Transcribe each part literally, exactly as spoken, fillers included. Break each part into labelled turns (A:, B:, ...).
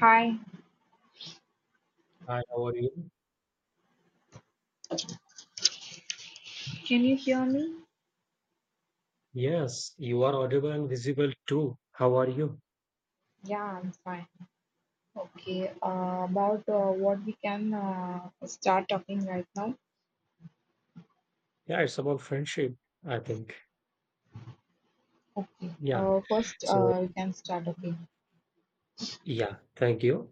A: Hi,
B: Hi, how are you?
A: can you hear me?
B: Yes, you are audible and visible too. How are you?
A: Yeah, I'm fine. Okay, uh, about uh, what we can uh, start talking right now.
B: Yeah, it's about friendship, I think.
A: Okay.
B: Yeah.
A: Uh, first,
B: So,
A: uh, we can start. Okay,
B: yeah, thank you.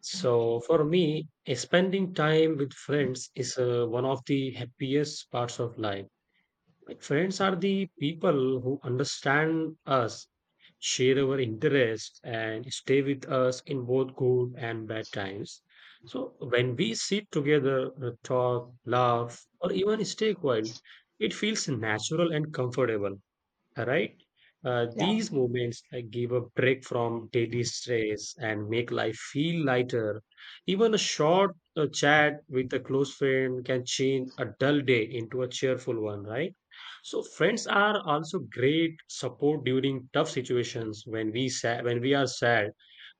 B: So, for me, eh, spending time with friends is uh, one of the happiest parts of life. Like friends are the people who understand us, share our interests, and stay with us in both good and bad times. So when we sit together, uh, talk, laugh, or even stay quiet, it feels natural and comfortable, right? Uh,
A: yeah.
B: these moments like give a break from daily stress and make life feel lighter. Even a short uh, chat with a close friend can change a dull day into a cheerful one, right? So friends are also great support during tough situations when we sa- when we are sad,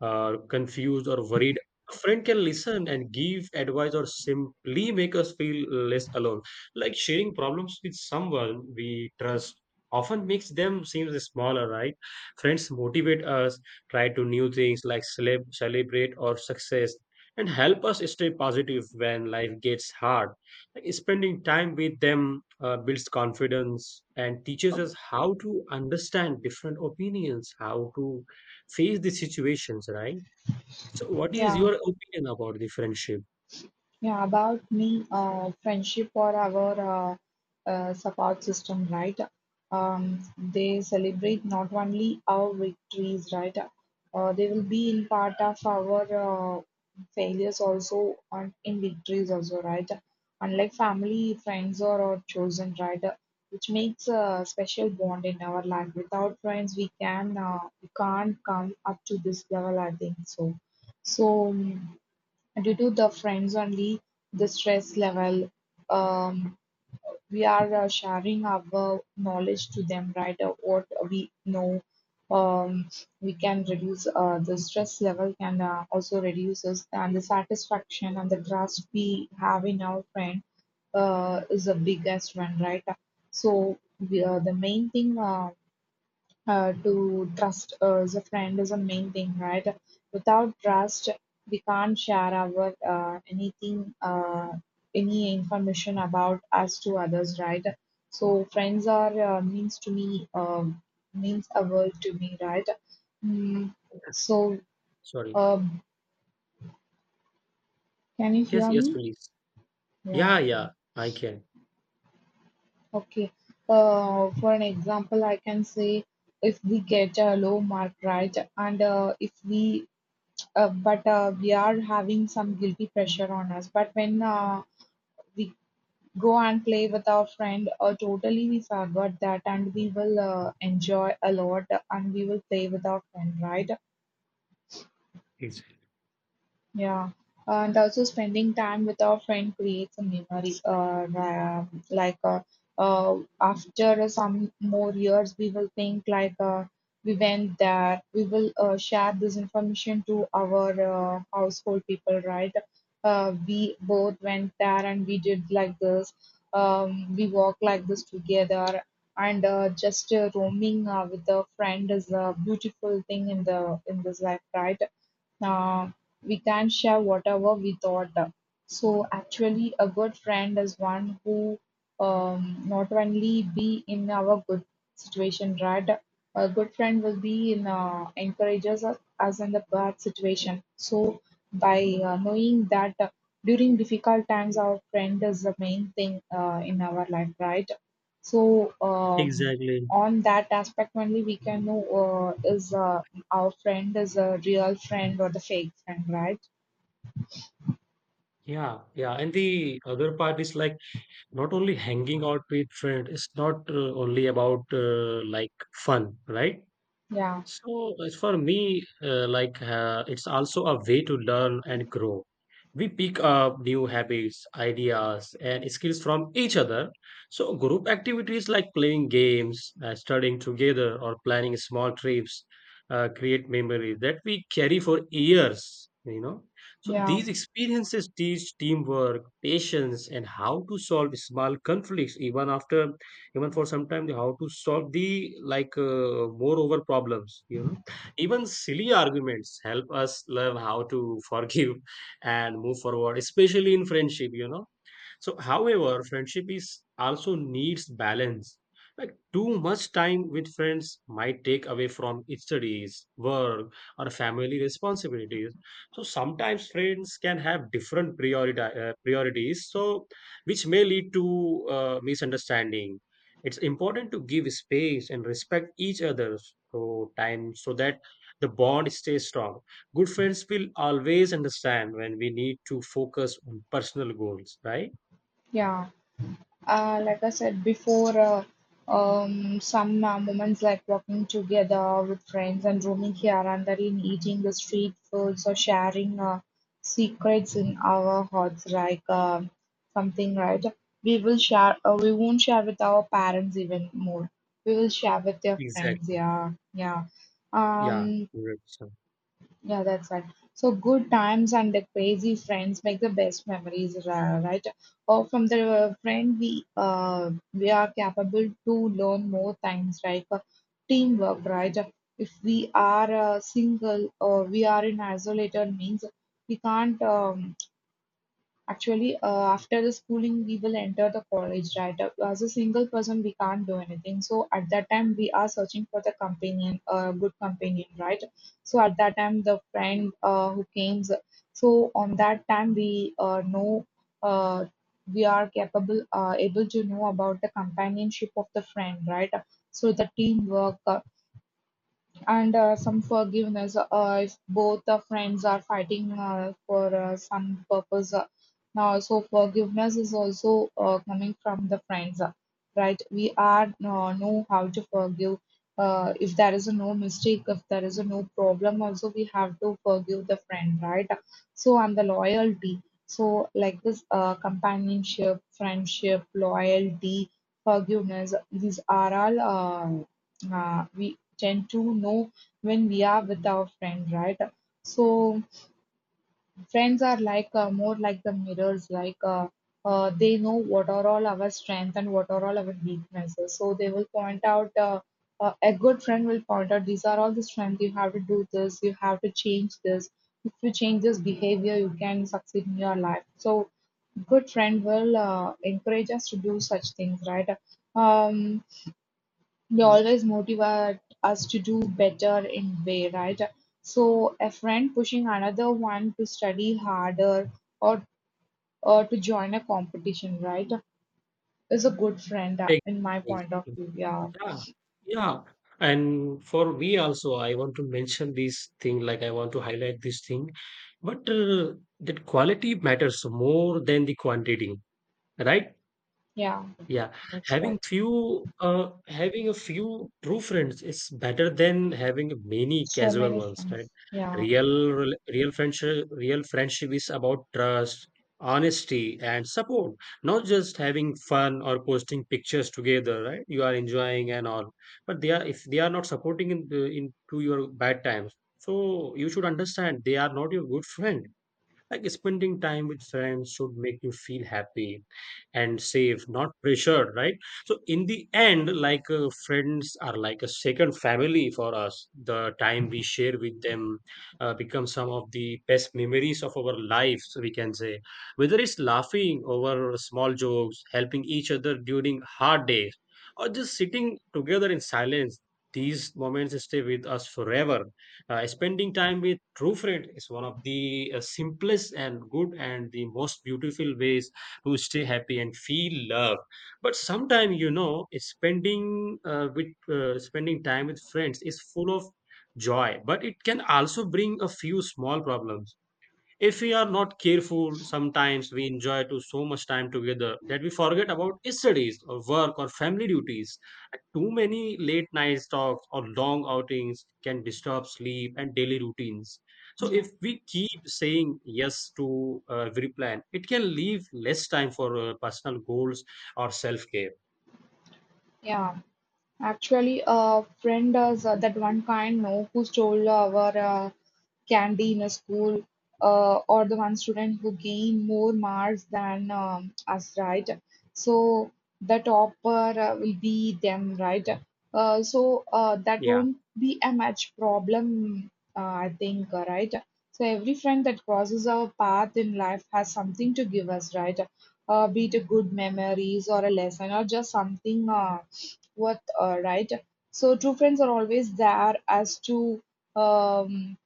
B: uh, confused or worried. A friend can listen and give advice or simply make us feel less alone. Like sharing problems with someone we trust often makes them seem smaller, right? Friends motivate us, try to new things like celeb- celebrate our success, and help us stay positive when life gets hard. Like, spending time with them uh, builds confidence and teaches us how to understand different opinions, how to face the situations, right? So, what is
A: Yeah.
B: your opinion about the friendship?
A: Yeah, about me, uh, friendship or our uh, uh, support system, right? Um, they celebrate not only our victories, right? Uh, they will be in part of our uh, failures also and in victories also, right? Unlike family, friends or our chosen, right? Which makes a special bond in our life. Without friends, we can uh, we can't come up to this level, I think so. So. um, Due to the friends only the stress level, um, we are uh, sharing our knowledge to them, right? Uh, what we know, um, we can reduce, uh, the stress level can uh, also reduces, and the satisfaction and the trust we have in our friend uh, is the biggest one, right? So we, uh, the main thing, uh, uh, to trust uh, as a friend is a main thing, right? Without trust, we can't share our uh, anything, uh, any information about us to others, right? So friends are uh, means to me, um, means a world to me, right? Mm, so
B: Sorry.
A: um, can you
B: Yes,
A: hear
B: yes,
A: me?
B: please.
A: Yeah.
B: Yeah, yeah, I can.
A: Okay. Uh, for an example, I can say if we get a low mark, right, and uh, if we uh, but uh, we are having some guilty pressure on us. But when uh, we go and play with our friend, uh, totally we forgot that, and we will uh, enjoy a lot, and we will play with our friend, right?
B: Ex-
A: Yeah, and also spending time with our friend creates a memory. Uh, ra- like uh, uh, after some more years, we will think like uh, we went there. We will uh, share this information to our uh, household people, right? Uh, we both went there and we did like this. Um, we walked like this together, and uh, just uh, roaming uh, with a friend is a beautiful thing in the in this life, right? Uh, we can't share whatever we thought. So actually, a good friend is one who, um, not only be in our good situation, right? A good friend will be in, uh, encourages us us in the bad situation. So by uh, knowing that uh, during difficult times, our friend is the main thing uh, in our life, right? So um,
B: Exactly.
A: on that aspect only we can know uh, is uh, our friend is a real friend or the fake friend, right?
B: Yeah, yeah. And the other part is like not only hanging out with friends, it's not uh, only about uh, like fun, right?
A: Yeah,
B: So as for me, uh, like uh, it's also a way to learn and grow. We pick up new habits, ideas, and skills from each other. So group activities like playing games, uh, studying together, or planning small trips uh, create memories that we carry for years. You know, so
A: yeah,
B: these experiences teach teamwork, patience, and how to solve small conflicts, even after even for some time the how to solve the like uh, more over problems, you know. Even silly arguments help us learn how to forgive and move forward, especially in friendship, you know. So, however, friendship is also needs balance. Like too much time with friends might take away from its studies, work, or family responsibilities. So sometimes friends can have different priority, uh, priorities, so which may lead to uh, misunderstanding. It's important to give space and respect each other's so time so that the bond stays strong. Good friends will always understand when we need to focus on personal goals, right?
A: yeah. Uh, like I said before, uh, um, some uh, moments like walking together with friends and roaming here and there, in eating the street foods or sharing uh, secrets in our hearts, like uh, something, right? We will share, uh, we won't share with our parents even more. We will share with their friends,
B: Exactly.
A: yeah, yeah.
B: Yeah,
A: Um,
B: correct. So,
A: yeah, that's right. So good times and the crazy friends make the best memories, ra- right? Or from the uh, friend we uh, we are capable to learn more things, right? Uh, teamwork, right? If we are uh, single or we are in isolated means, we can't, um, actually, uh, after the schooling, we will enter the college, right? Uh, as a single person, we can't do anything. So at that time, we are searching for the companion, a good companion, right? So at that time, the friend uh, who came. So on that time, we uh, know, uh, we are capable, uh, able to know about the companionship of the friend, right? So the teamwork. Uh, and uh, some forgiveness, uh, if both the friends are fighting uh, for uh, some purpose, uh, now so forgiveness is also uh, coming from the friends, uh, right? We are uh, know how to forgive. Uh, if there is a no mistake, if there is a no problem also, we have to forgive the friend, right? So and the loyalty. So like this, uh, companionship, friendship, loyalty, forgiveness, these are all uh, uh, we tend to know when we are with our friend, right? So friends are like uh, more like the mirrors, like uh, uh, they know what are all our strengths and what are all our weaknesses. So they will point out. Uh, uh, a good friend will point out these are all the strengths, you have to do this, you have to change this. If you change this behavior, you can succeed in your life. So good friend will uh, encourage us to do such things, right? um, they
B: m-
A: always motivate us to do better in way, right? So a friend pushing another one to study harder or or to join a competition, right, is a good friend uh, in my
B: exactly.
A: point of
B: Exactly.
A: view, yeah.
B: Yeah, yeah. And for me also, I want to mention this thing, like I want to highlight this thing, but uh, that quality matters more than the quantity, right?
A: Yeah,
B: Yeah,
A: that's
B: having
A: right.
B: few, uh, having a few true friends is better than having many
A: So
B: casual
A: many
B: ones, right?
A: friends, yeah.
B: Real, rel- real friendship, real friendship is about trust, honesty, and support, not just having fun or posting pictures together, right? You are enjoying and all, but they are if they are not supporting in, the- into your bad times, so you should understand they are not your good friend. Like spending time with friends should make you feel happy and safe, not pressured, right? So in the end, like uh, friends are like a second family for us. The time we share with them uh, becomes some of the best memories of our lives. We can say, whether it's laughing over small jokes, helping each other during hard days, or just sitting together in silence. These moments stay with us forever. uh, spending time with true friend is one of the uh, simplest and good and the most beautiful ways to stay happy and feel love. But sometimes, you know, spending uh, with uh, spending time with friends is full of joy, but it can also bring a few small problems if we are not careful. Sometimes we enjoy to so much time together that we forget about studies or work or family duties. And too many late night talks or long outings can disturb sleep and daily routines. So if we keep saying yes to uh, every plan, it can leave less time for uh, personal goals or self care.
A: Yeah. Actually, a friend does uh, that one kind, no, who stole our uh, candy in a school, uh, or the one student who gained more marks than um, us, right? So the topper uh, will be them, right? Uh, so uh, that
B: Yeah.
A: won't be a much problem, uh, I think, uh, right? So every friend that crosses our path in life has something to give us, right? Uh, be it a good memories or a lesson or just something. Uh, worth, uh, right? So true friends are always there as to, um,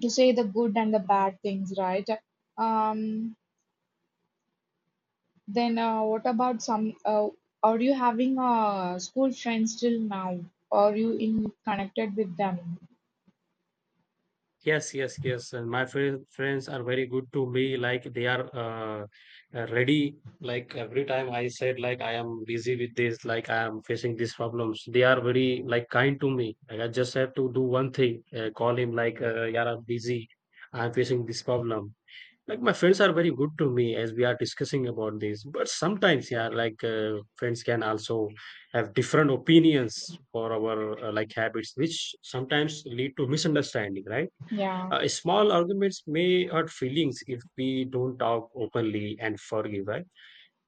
A: to say the good and the bad things, right? Um, then uh, what about some? Uh, are you having uh, school friends till now? Are you in connected with them?
B: Yes, yes, yes. And my fri- friends are very good to me. Like they are uh, uh, ready. Like every time I said, like I am busy with this, like I am facing these problems. They are very like kind to me. Like I just have to do one thing. Uh, call him like, uh, yeah, I'm busy. I'm facing this problem. Like my friends are very good to me as we are discussing about this. But sometimes, yeah, like uh, friends can also have different opinions for our uh, like habits, which sometimes lead to misunderstanding, right?
A: Yeah,
B: Uh, small arguments may hurt feelings if we don't talk openly and forgive, right?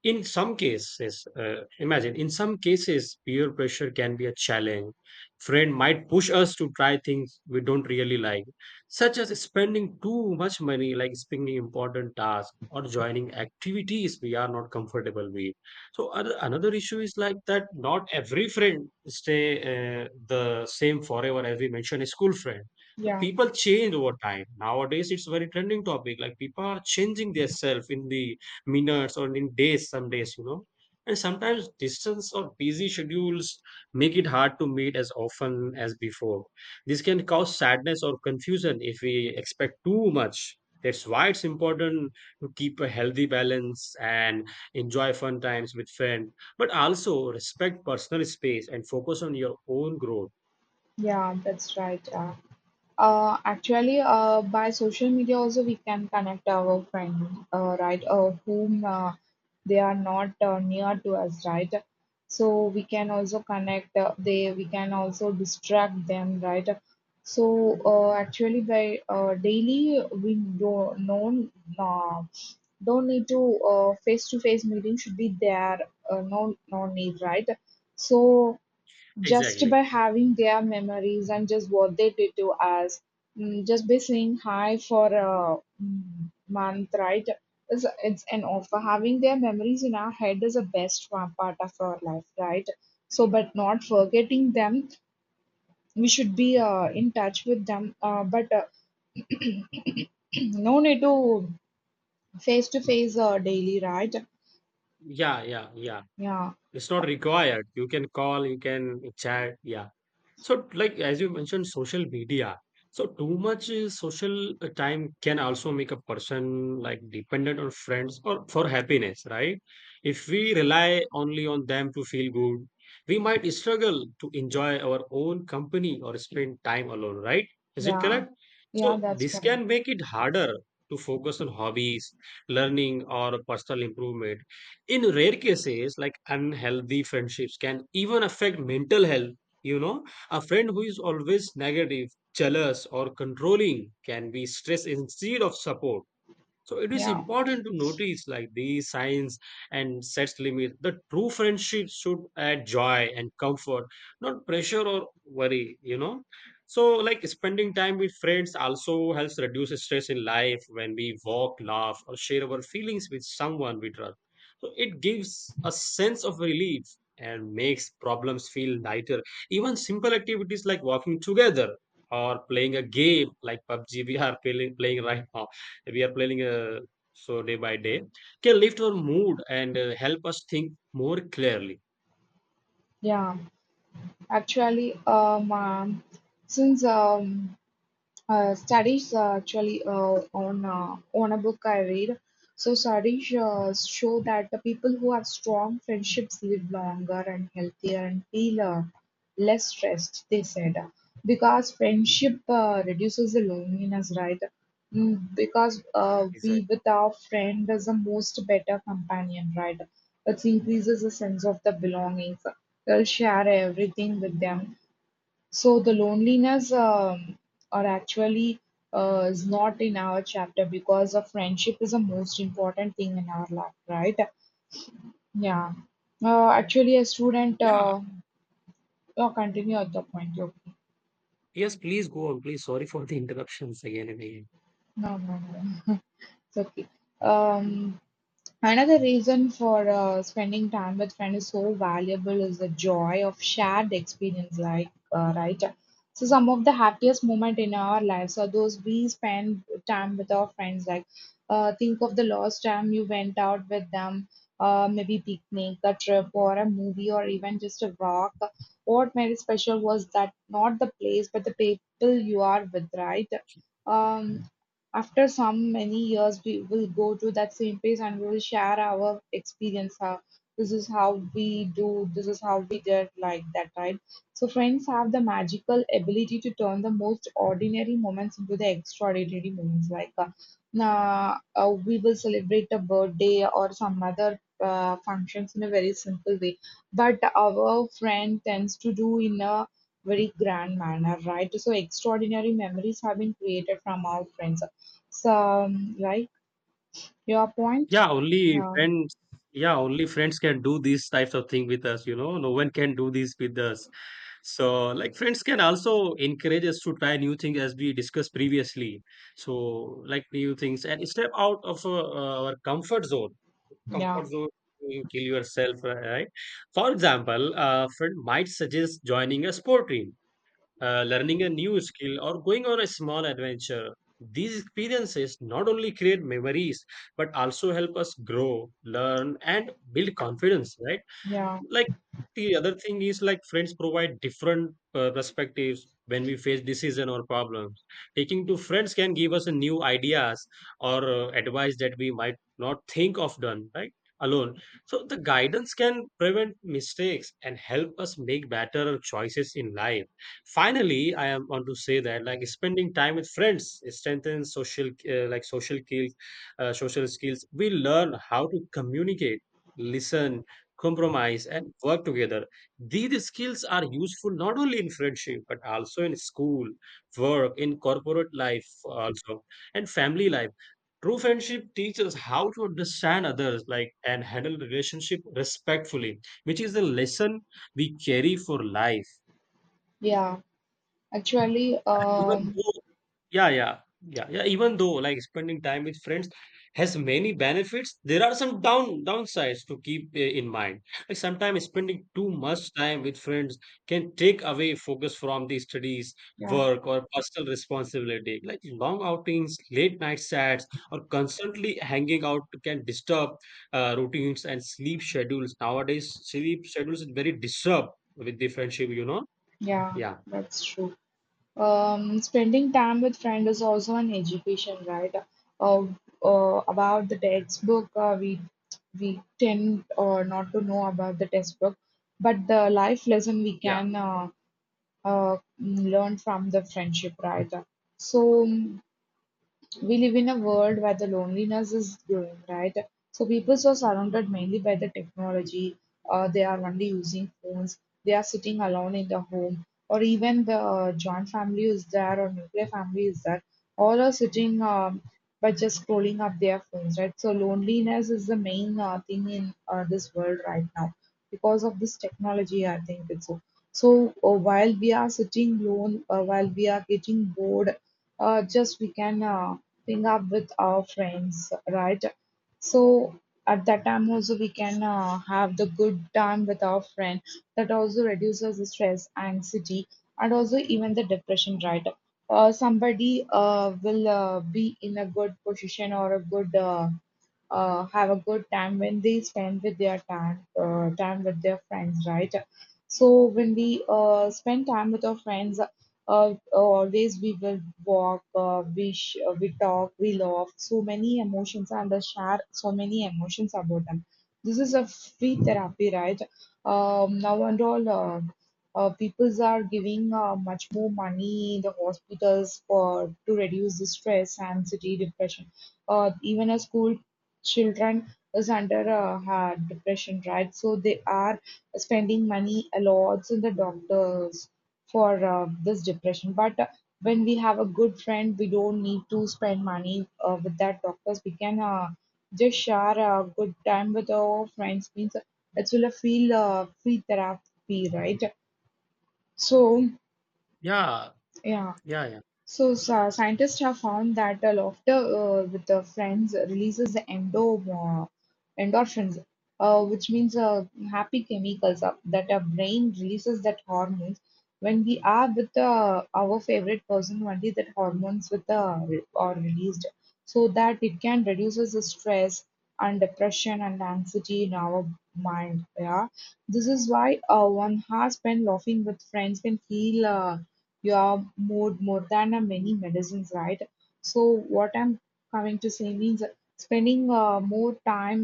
B: In some cases, uh, imagine, in some cases, peer pressure can be a challenge. Friend might push us to try things we don't really like, such as spending too much money, like spending important tasks or joining activities we are not comfortable with. So other, another issue is like that not every friend stay uh, the same forever, as we mentioned a school friend. So
A: yeah,
B: people change over time. Nowadays, it's very trending topic. Like people are changing their self in the minutes or in days, some days, you know. And sometimes distance or busy schedules make it hard to meet as often as before. This can cause sadness or confusion if we expect too much. That's why it's important to keep a healthy balance and enjoy fun times with friends, but also respect personal space and focus on your own growth.
A: yeah. That's right. Yeah. Uh, actually, uh, by social media also we can connect our friends, uh, right, uh, whom uh, they are not uh, near to us, right? So we can also connect. Uh, they we can also distract them, right? So uh, actually, by uh, daily we don't know, uh, don't need to uh, face to face meeting should be there. Uh, no no need, right? So just
B: Exactly.
A: by having their memories and just what they did to us, mm, just by saying hi for a mm, month, right? It's, it's an offer. Having their memories in our head is the best one part of our life, right? So, but not forgetting them, we should be uh, in touch with them. Uh, but uh, no need to face to face uh, daily, right?
B: Yeah, yeah, yeah,
A: Yeah,
B: it's not required. You can call, you can chat. Yeah. So, like as you mentioned, social media. So, too much uh, social uh, time can also make a person like dependent on friends or for happiness, right? If we rely only on them to feel good, we might struggle to enjoy our own company or spend time alone, right? Is it
A: yeah,
B: correct? So,
A: yeah. That's
B: this
A: correct.
B: can make it harder to focus on hobbies, learning, or personal improvement. In rare cases, like unhealthy friendships can even affect mental health, you know, a friend who is always negative, jealous, or controlling can be stressed instead of support. So it is
A: Yeah,
B: important to notice like these signs and sets limits. The true friendship should add joy and comfort, not pressure or worry, you know. So like spending time with friends also helps reduce stress in life when we walk, laugh, or share our feelings with someone we trust. So it gives a sense of relief and makes problems feel lighter. Even simple activities like walking together or playing a game like pub g we are playing, playing right now, we are planning uh, so day by day, can lift our mood and uh, help us think more clearly.
A: yeah. Actually, um. um, since um, Uh, studies uh, actually uh, on uh, on a book I read. So studies uh, show that the people who have strong friendships live longer and healthier and feel uh, less stressed. They said, because friendship uh, reduces the loneliness, right? Mm, because uh,
B: Exactly.
A: we with our friend is the most better companion, right? It increases the sense of the belongings. They'll share everything with them, so the loneliness, um, are actually uh, is not in our chapter, because a friendship is the most important thing in our life, right? Yeah. Uh, actually, a student
B: Yeah,
A: uh, uh, continue at the point. Okay.
B: yes please, go on please, sorry for the interruptions again and again.
A: No, no, no. It's okay. Um, another reason for uh, spending time with friends is so valuable is the joy of shared experience, like, uh, right? So, some of the happiest moment in our lives are those we spend time with our friends. Like, uh, think of the last time you went out with them, uh, maybe picnic, a trip, or a movie, or even just a walk. What made it special was that not the place, but the people you are with, right? Um, after some many years, we will go to that same place and we will share our experience. How this is how we do, this is how we did, like that, right? So, friends have the magical ability to turn the most ordinary moments into the extraordinary moments. Like, uh, na- uh, we will celebrate a birthday or some other uh, functions in a very simple way, but our friend tends to do in a very grand manner, right? So extraordinary memories have been created from our friends. So, um, right, your point.
B: Yeah, only
A: Yeah,
B: friends, yeah only friends can do these types of thing with us, you know, no one can do this with us. So like friends can also encourage us to try new things as we discussed previously. So, like new things and step out of uh, our comfort zone
A: yeah,
B: comfort zone You kill yourself, right? For example, a friend might suggest joining a sport team, uh, learning a new skill, or going on a small adventure. These experiences not only create memories but also help us grow, learn, and build confidence, right?
A: yeah,
B: Like, the other thing is like friends provide different uh, perspectives when we face decision or problems. Taking to friends can give us a new ideas or uh, advice that we might not think of done right alone. So the guidance can prevent mistakes and help us make better choices in life. Finally, I am want to say that like spending time with friends strengthens social uh, like social skills, uh, social skills. We learn how to communicate, listen, compromise, and work together. These skills are useful not only in friendship but also in school, work, in corporate life also, and family life. True friendship teaches how to understand others like and handle relationship respectfully, which is a lesson we carry for life.
A: yeah. Actually,
B: Even
A: um,
B: though Yeah, yeah, yeah, yeah. Even though like spending time with friends has many benefits, there are some down downsides to keep uh, in mind. Like sometimes spending too much time with friends can take away focus from the studies,
A: yeah,
B: work, or personal responsibility. Like long outings, late night chats, or constantly hanging out can disturb uh, routines and sleep schedules. Nowadays, sleep schedules is very disturbed with the friendship. You know?
A: yeah,
B: Yeah,
A: that's true. Um, spending time with friends is also an education, right? Uh, uh, about the textbook, uh, we we tend uh, not to know about the textbook, but the life lesson we
B: yeah,
A: can uh, uh, learn from the friendship, right? So we live in a world where the loneliness is growing, right? So people are surrounded mainly by the technology. Uh, they are only using phones. They are sitting alone in the home, or even the uh, joint family is there or nuclear family is there. All are sitting, um, by just scrolling up their phones, right? So loneliness is the main uh, thing in uh, this world right now because of this technology. I think it's so. So uh, while we are sitting alone, uh, while we are getting bored, uh, just we can uh, ping up with our friends, right? So at that time also we can uh, have the good time with our friend. That also reduces the stress, anxiety, and also even the depression, right? Uh, somebody uh, will uh, be in a good position or a good uh, uh, have a good time when they spend with their time uh, time with their friends, right? So when we uh, spend time with our friends, uh, oh, always we will walk, uh, we sh- uh, we talk, we laugh. So many emotions and uh, share so many emotions about them. This is a free therapy, right? Um, now and all, uh, uh, peoples are giving uh, much more money in the hospitals for to reduce the stress, anxiety, depression. Uh, even a school children is under uh, hard depression, right? So they are spending money a lot in the doctors for uh, this depression. But uh, when we have a good friend, we don't need to spend money uh, with that doctors. We can uh, just share a good time with our friends. Means it will a feel uh, free therapy, right? So
B: yeah,
A: yeah.
B: yeah, yeah,
A: So, sci- scientists have found that uh, laughter uh, with the friends releases the endo, uh, endorphins, uh, which means uh, happy chemicals uh, that our brain releases that hormones. When we are with uh, our favorite person, only that hormones with uh, re- are released, so that it can reduces the stress and depression and anxiety in our mind. Yeah, this is why uh, one has spent laughing with friends can feel. Uh, you are more more than a many medicines, right? So what I'm coming to say means spending uh, more time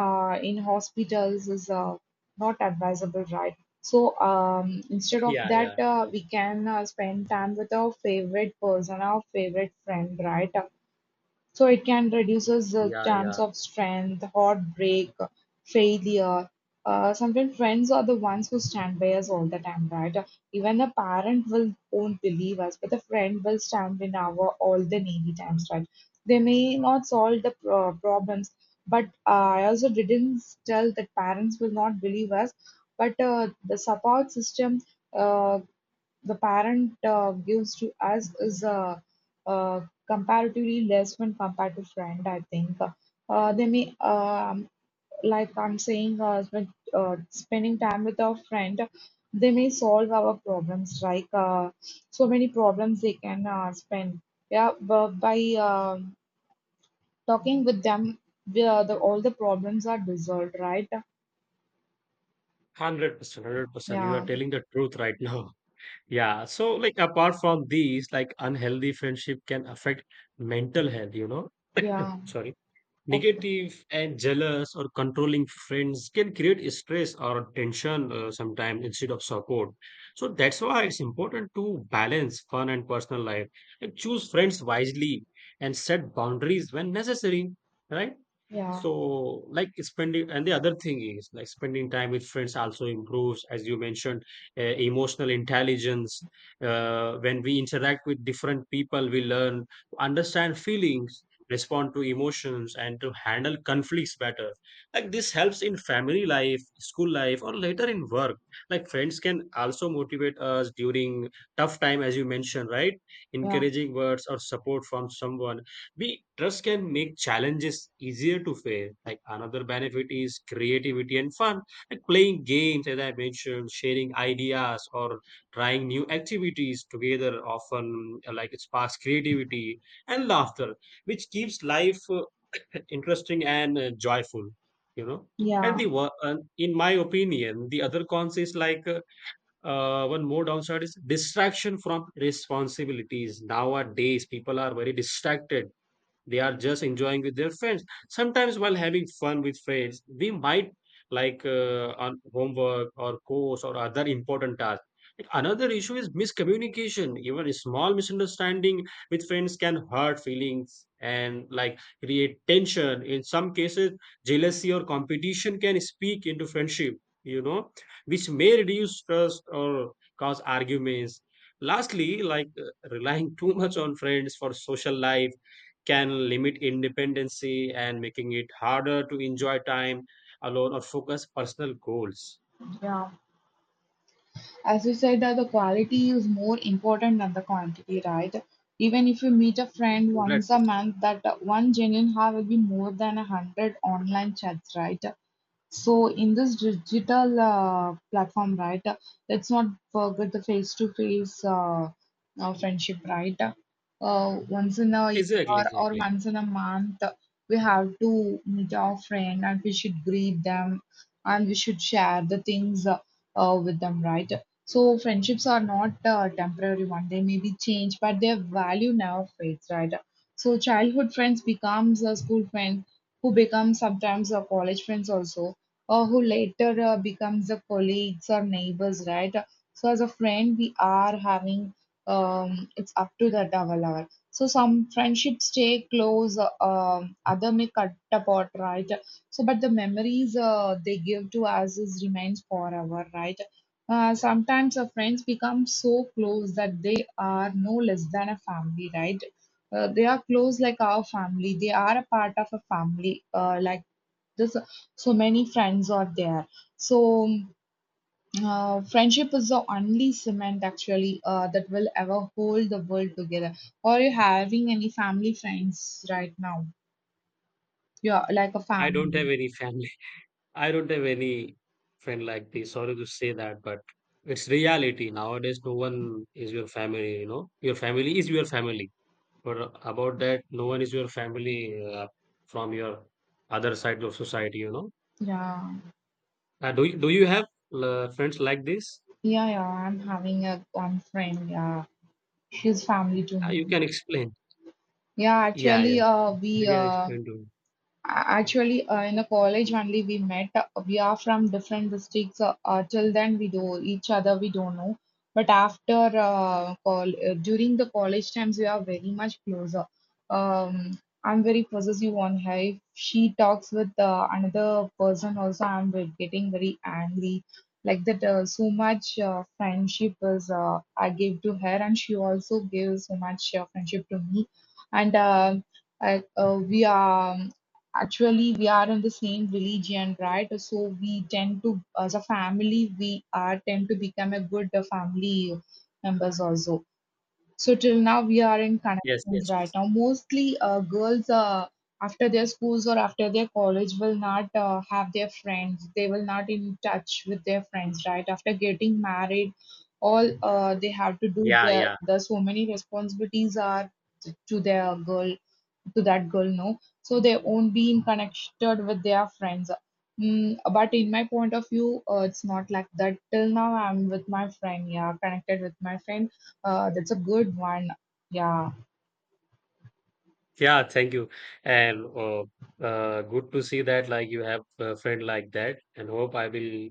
A: uh, in hospitals is uh, not advisable, right? So um, instead of
B: yeah,
A: that
B: yeah,
A: uh, we can uh, spend time with our favorite person, our favorite friend, right? So it can reduces the
B: yeah.
A: chance
B: Yeah.
A: of strength, heartbreak, failure. Uh, sometimes friends are the ones who stand by us all the time, right? Even a parent will won't believe us, but the friend will stand in our all the needy times, right? They may not solve the pro- problems, but uh, I also didn't tell that parents will not believe us. But uh, the support system uh the parent uh, gives to us is uh, uh, comparatively less when compared to friend, I think. Uh, they may, um, like I'm saying, uh, when, uh, spending time with our friend, they may solve our problems, like uh, so many problems they can uh, spend. Yeah, but by uh, talking with them, the, the all the problems are dissolved, right?
B: one hundred percent, one hundred percent. You are
A: Yeah,
B: telling the truth right now. Yeah. So, like, apart from these, like, unhealthy friendship can affect mental health, you know?
A: yeah,
B: Sorry.
A: okay,
B: Negative and jealous or controlling friends can create stress or tension uh, sometimes instead of support. So, that's why it's important to balance fun and personal life and choose friends wisely and set boundaries when necessary, right?
A: yeah,
B: So, like spending, and the other thing is like spending time with friends also improves, as you mentioned, uh, emotional intelligence. Uh, when we interact with different people, we learn to understand feelings, respond to emotions, and to handle conflicts better. Like this helps in family life, school life, or later in work. Like friends can also motivate us during tough time, as you mentioned, right?
A: yeah,
B: Encouraging words or support from someone we trust can make challenges easier to face. Like another benefit is creativity and fun. Like playing games, as I mentioned, sharing ideas or trying new activities together often uh, like it sparks creativity and laughter, which keeps life uh, interesting and uh, joyful. You know. And
A: yeah,
B: the wo- and in my opinion, the other cons is like uh, uh, one more downside is distraction from responsibilities. Nowadays, people are very distracted, they are just enjoying with their friends. Sometimes while having fun with friends we might like, uh, on homework or course or other important tasks. Like, another issue is miscommunication. Even a small misunderstanding with friends can hurt feelings and like create tension. In some cases jealousy or competition can speak into friendship, you know, which may reduce trust or cause arguments. Lastly, like, uh, relying too much on friends for social life can limit independency and making it harder to enjoy time alone or focus personal goals.
A: yeah. As you said that the quality is more important than the quantity, right? Even if you meet a friend
B: Right,
A: once a
B: Christian?
A: month, that uh, one genuine heart will be more than a hundred online chats, right? So in this digital uh, platform, right, uh, let's not forget the face-to-face uh, uh, friendship, right? Uh, once in a
B: Exactly,
A: year or
B: exactly.
A: once in a month, we have to meet our friend and we should greet them and we should share the things uh, uh, with them, right? So friendships are not uh, temporary one; they may be changed, but their value never fades, right? So childhood friends becomes a school friend who becomes sometimes a college friends also or who later uh, becomes a colleagues or neighbors, right? So as a friend, we are having um, it's up to that our level. So some friendships stay close, uh, um, other may cut apart, right? So but the memories uh, they give to us is remains forever, right? Uh, sometimes our friends become so close that they are no less than a family, right? Uh, they are close like our family. They are a part of a family, uh, like this, so many friends are there. So uh, friendship is the only cement actually uh, that will ever hold the world together. Are you having any family friends right now? Yeah, like a
B: I don't
A: family.
B: have any family. I don't have any friend like this. Sorry to say that, but it's reality nowadays. No one is your family. You know, your family is your family. But about that, no one is your family, uh, from your other side of society. You know,
A: Yeah,
B: uh, do you, do you have uh, friends like this?
A: yeah, yeah, I'm having a one friend. Yeah, she's family to
B: Uh, you
A: me.
B: can explain.
A: Yeah,
B: Yeah,
A: actually,
B: yeah.
A: uh, we
B: You can
A: uh,
B: explain to me.
A: A- Actually, uh, in a college only we met. Uh, We are from different districts. Uh, uh, till then, we do each other. We don't know. But after uh, call uh, during the college times, we are very much closer. Um, I'm very possessive on her. If she talks with uh, another person, also I'm ve- getting very angry. Like that, uh, so much uh, friendship is uh, I gave to her, and she also gave so much uh, friendship to me. And um, I, uh, we are. um, Actually, we are in the same religion, right? So we tend to, as a family, we are tend to become a good uh, family members also. So till now we are in
B: Yes,
A: connections right
B: yes.
A: now. Mostly uh, girls uh, after their schools or after their college will not uh, have their friends. They will not in touch with their friends right after getting married. All uh, they have to do
B: Yeah,
A: their
B: yeah.
A: the so many responsibilities are t- to their girl to that girl, no. So they won't be in connected with their friends. Mm, but in my point of view, uh, it's not like that. Till now, I'm with my friend. Yeah, connected with my friend, uh, that's a good one. Yeah,
B: Yeah, thank you. And uh, uh, good to see that like you have a friend like that, and hope I will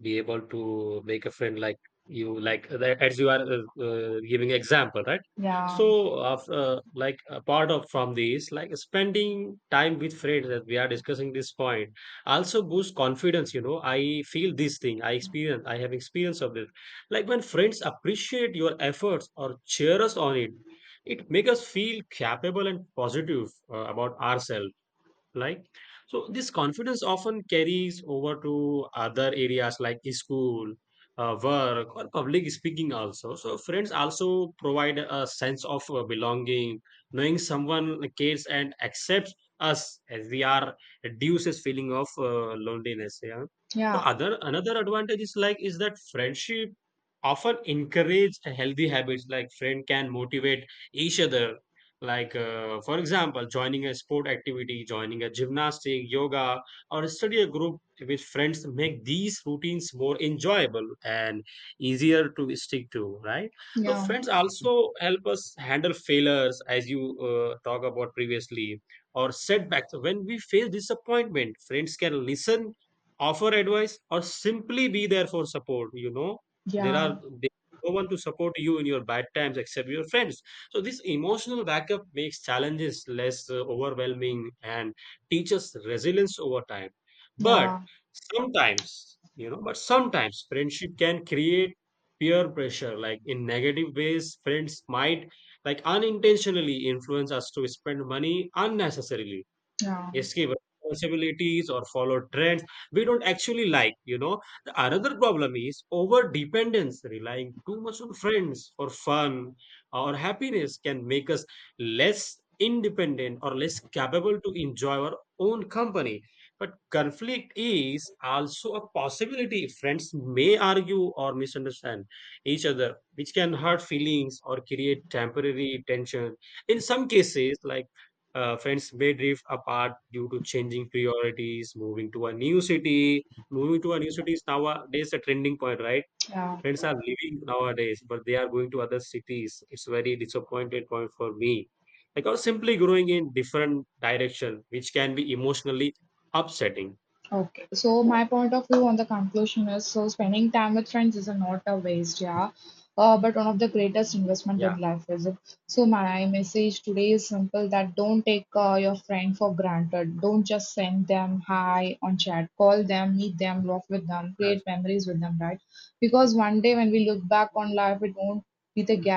B: be able to make a friend like you, like uh, the- as you are uh, uh, giving example, right?
A: yeah,
B: So after uh, like apart of from these, like spending time with friends that we are discussing, this point also boosts confidence, you know. I feel this thing, I experience I have experience of this, like when friends appreciate your efforts or cheer us on, it it makes us feel capable and positive uh, about ourselves. Like, so this confidence often carries over to other areas like school, uh, work, or public speaking also. So friends also provide a sense of uh, belonging. Knowing someone cares and accepts us as we are reduces feeling of uh, loneliness, yeah. So
A: yeah,
B: other another advantage is like is that friendship often encourage healthy habits. Like friend can motivate each other, like, uh, for example, joining a sport activity, joining a gymnastic, yoga, or study a group with friends make these routines more enjoyable and easier to stick to, right? So,
A: yeah,
B: friends also help us handle failures, as you uh, talk about previously, or setbacks. When we face disappointment, friends can listen, offer advice, or simply be there for support. You know, there
A: yeah,
B: are there is no one to support you in your bad times except your friends. So, this emotional backup makes challenges less uh, overwhelming and teaches resilience over time. But
A: yeah,
B: sometimes, you know, but sometimes friendship can create peer pressure. Like in negative ways, friends might like unintentionally influence us to spend money unnecessarily,
A: yeah,
B: escape responsibilities, or follow trends we don't actually like, you know. The another problem is over dependence, relying too much on friends for fun or happiness can make us less independent or less capable to enjoy our own company. But conflict is also a possibility. Friends may argue or misunderstand each other, which can hurt feelings or create temporary tension. In some cases like, uh, friends may drift apart due to changing priorities, moving to a new city. Moving to a new city is nowadays a trending point, right?
A: yeah.
B: Friends are leaving nowadays, but they are going to other cities. It's very disappointed point for me. Like or simply growing in different direction, which can be emotionally upsetting.
A: Okay. So my point of view on the conclusion is, so spending time with friends is a not a waste, yeah. Uh, but one of the greatest investment
B: Yeah.
A: in life is it. So my message today is simple, that don't take uh, your friend for granted. Don't just send them hi on chat. Call them, meet them, laugh with them, create memories with them, right? Because one day when we look back on life, it won't be the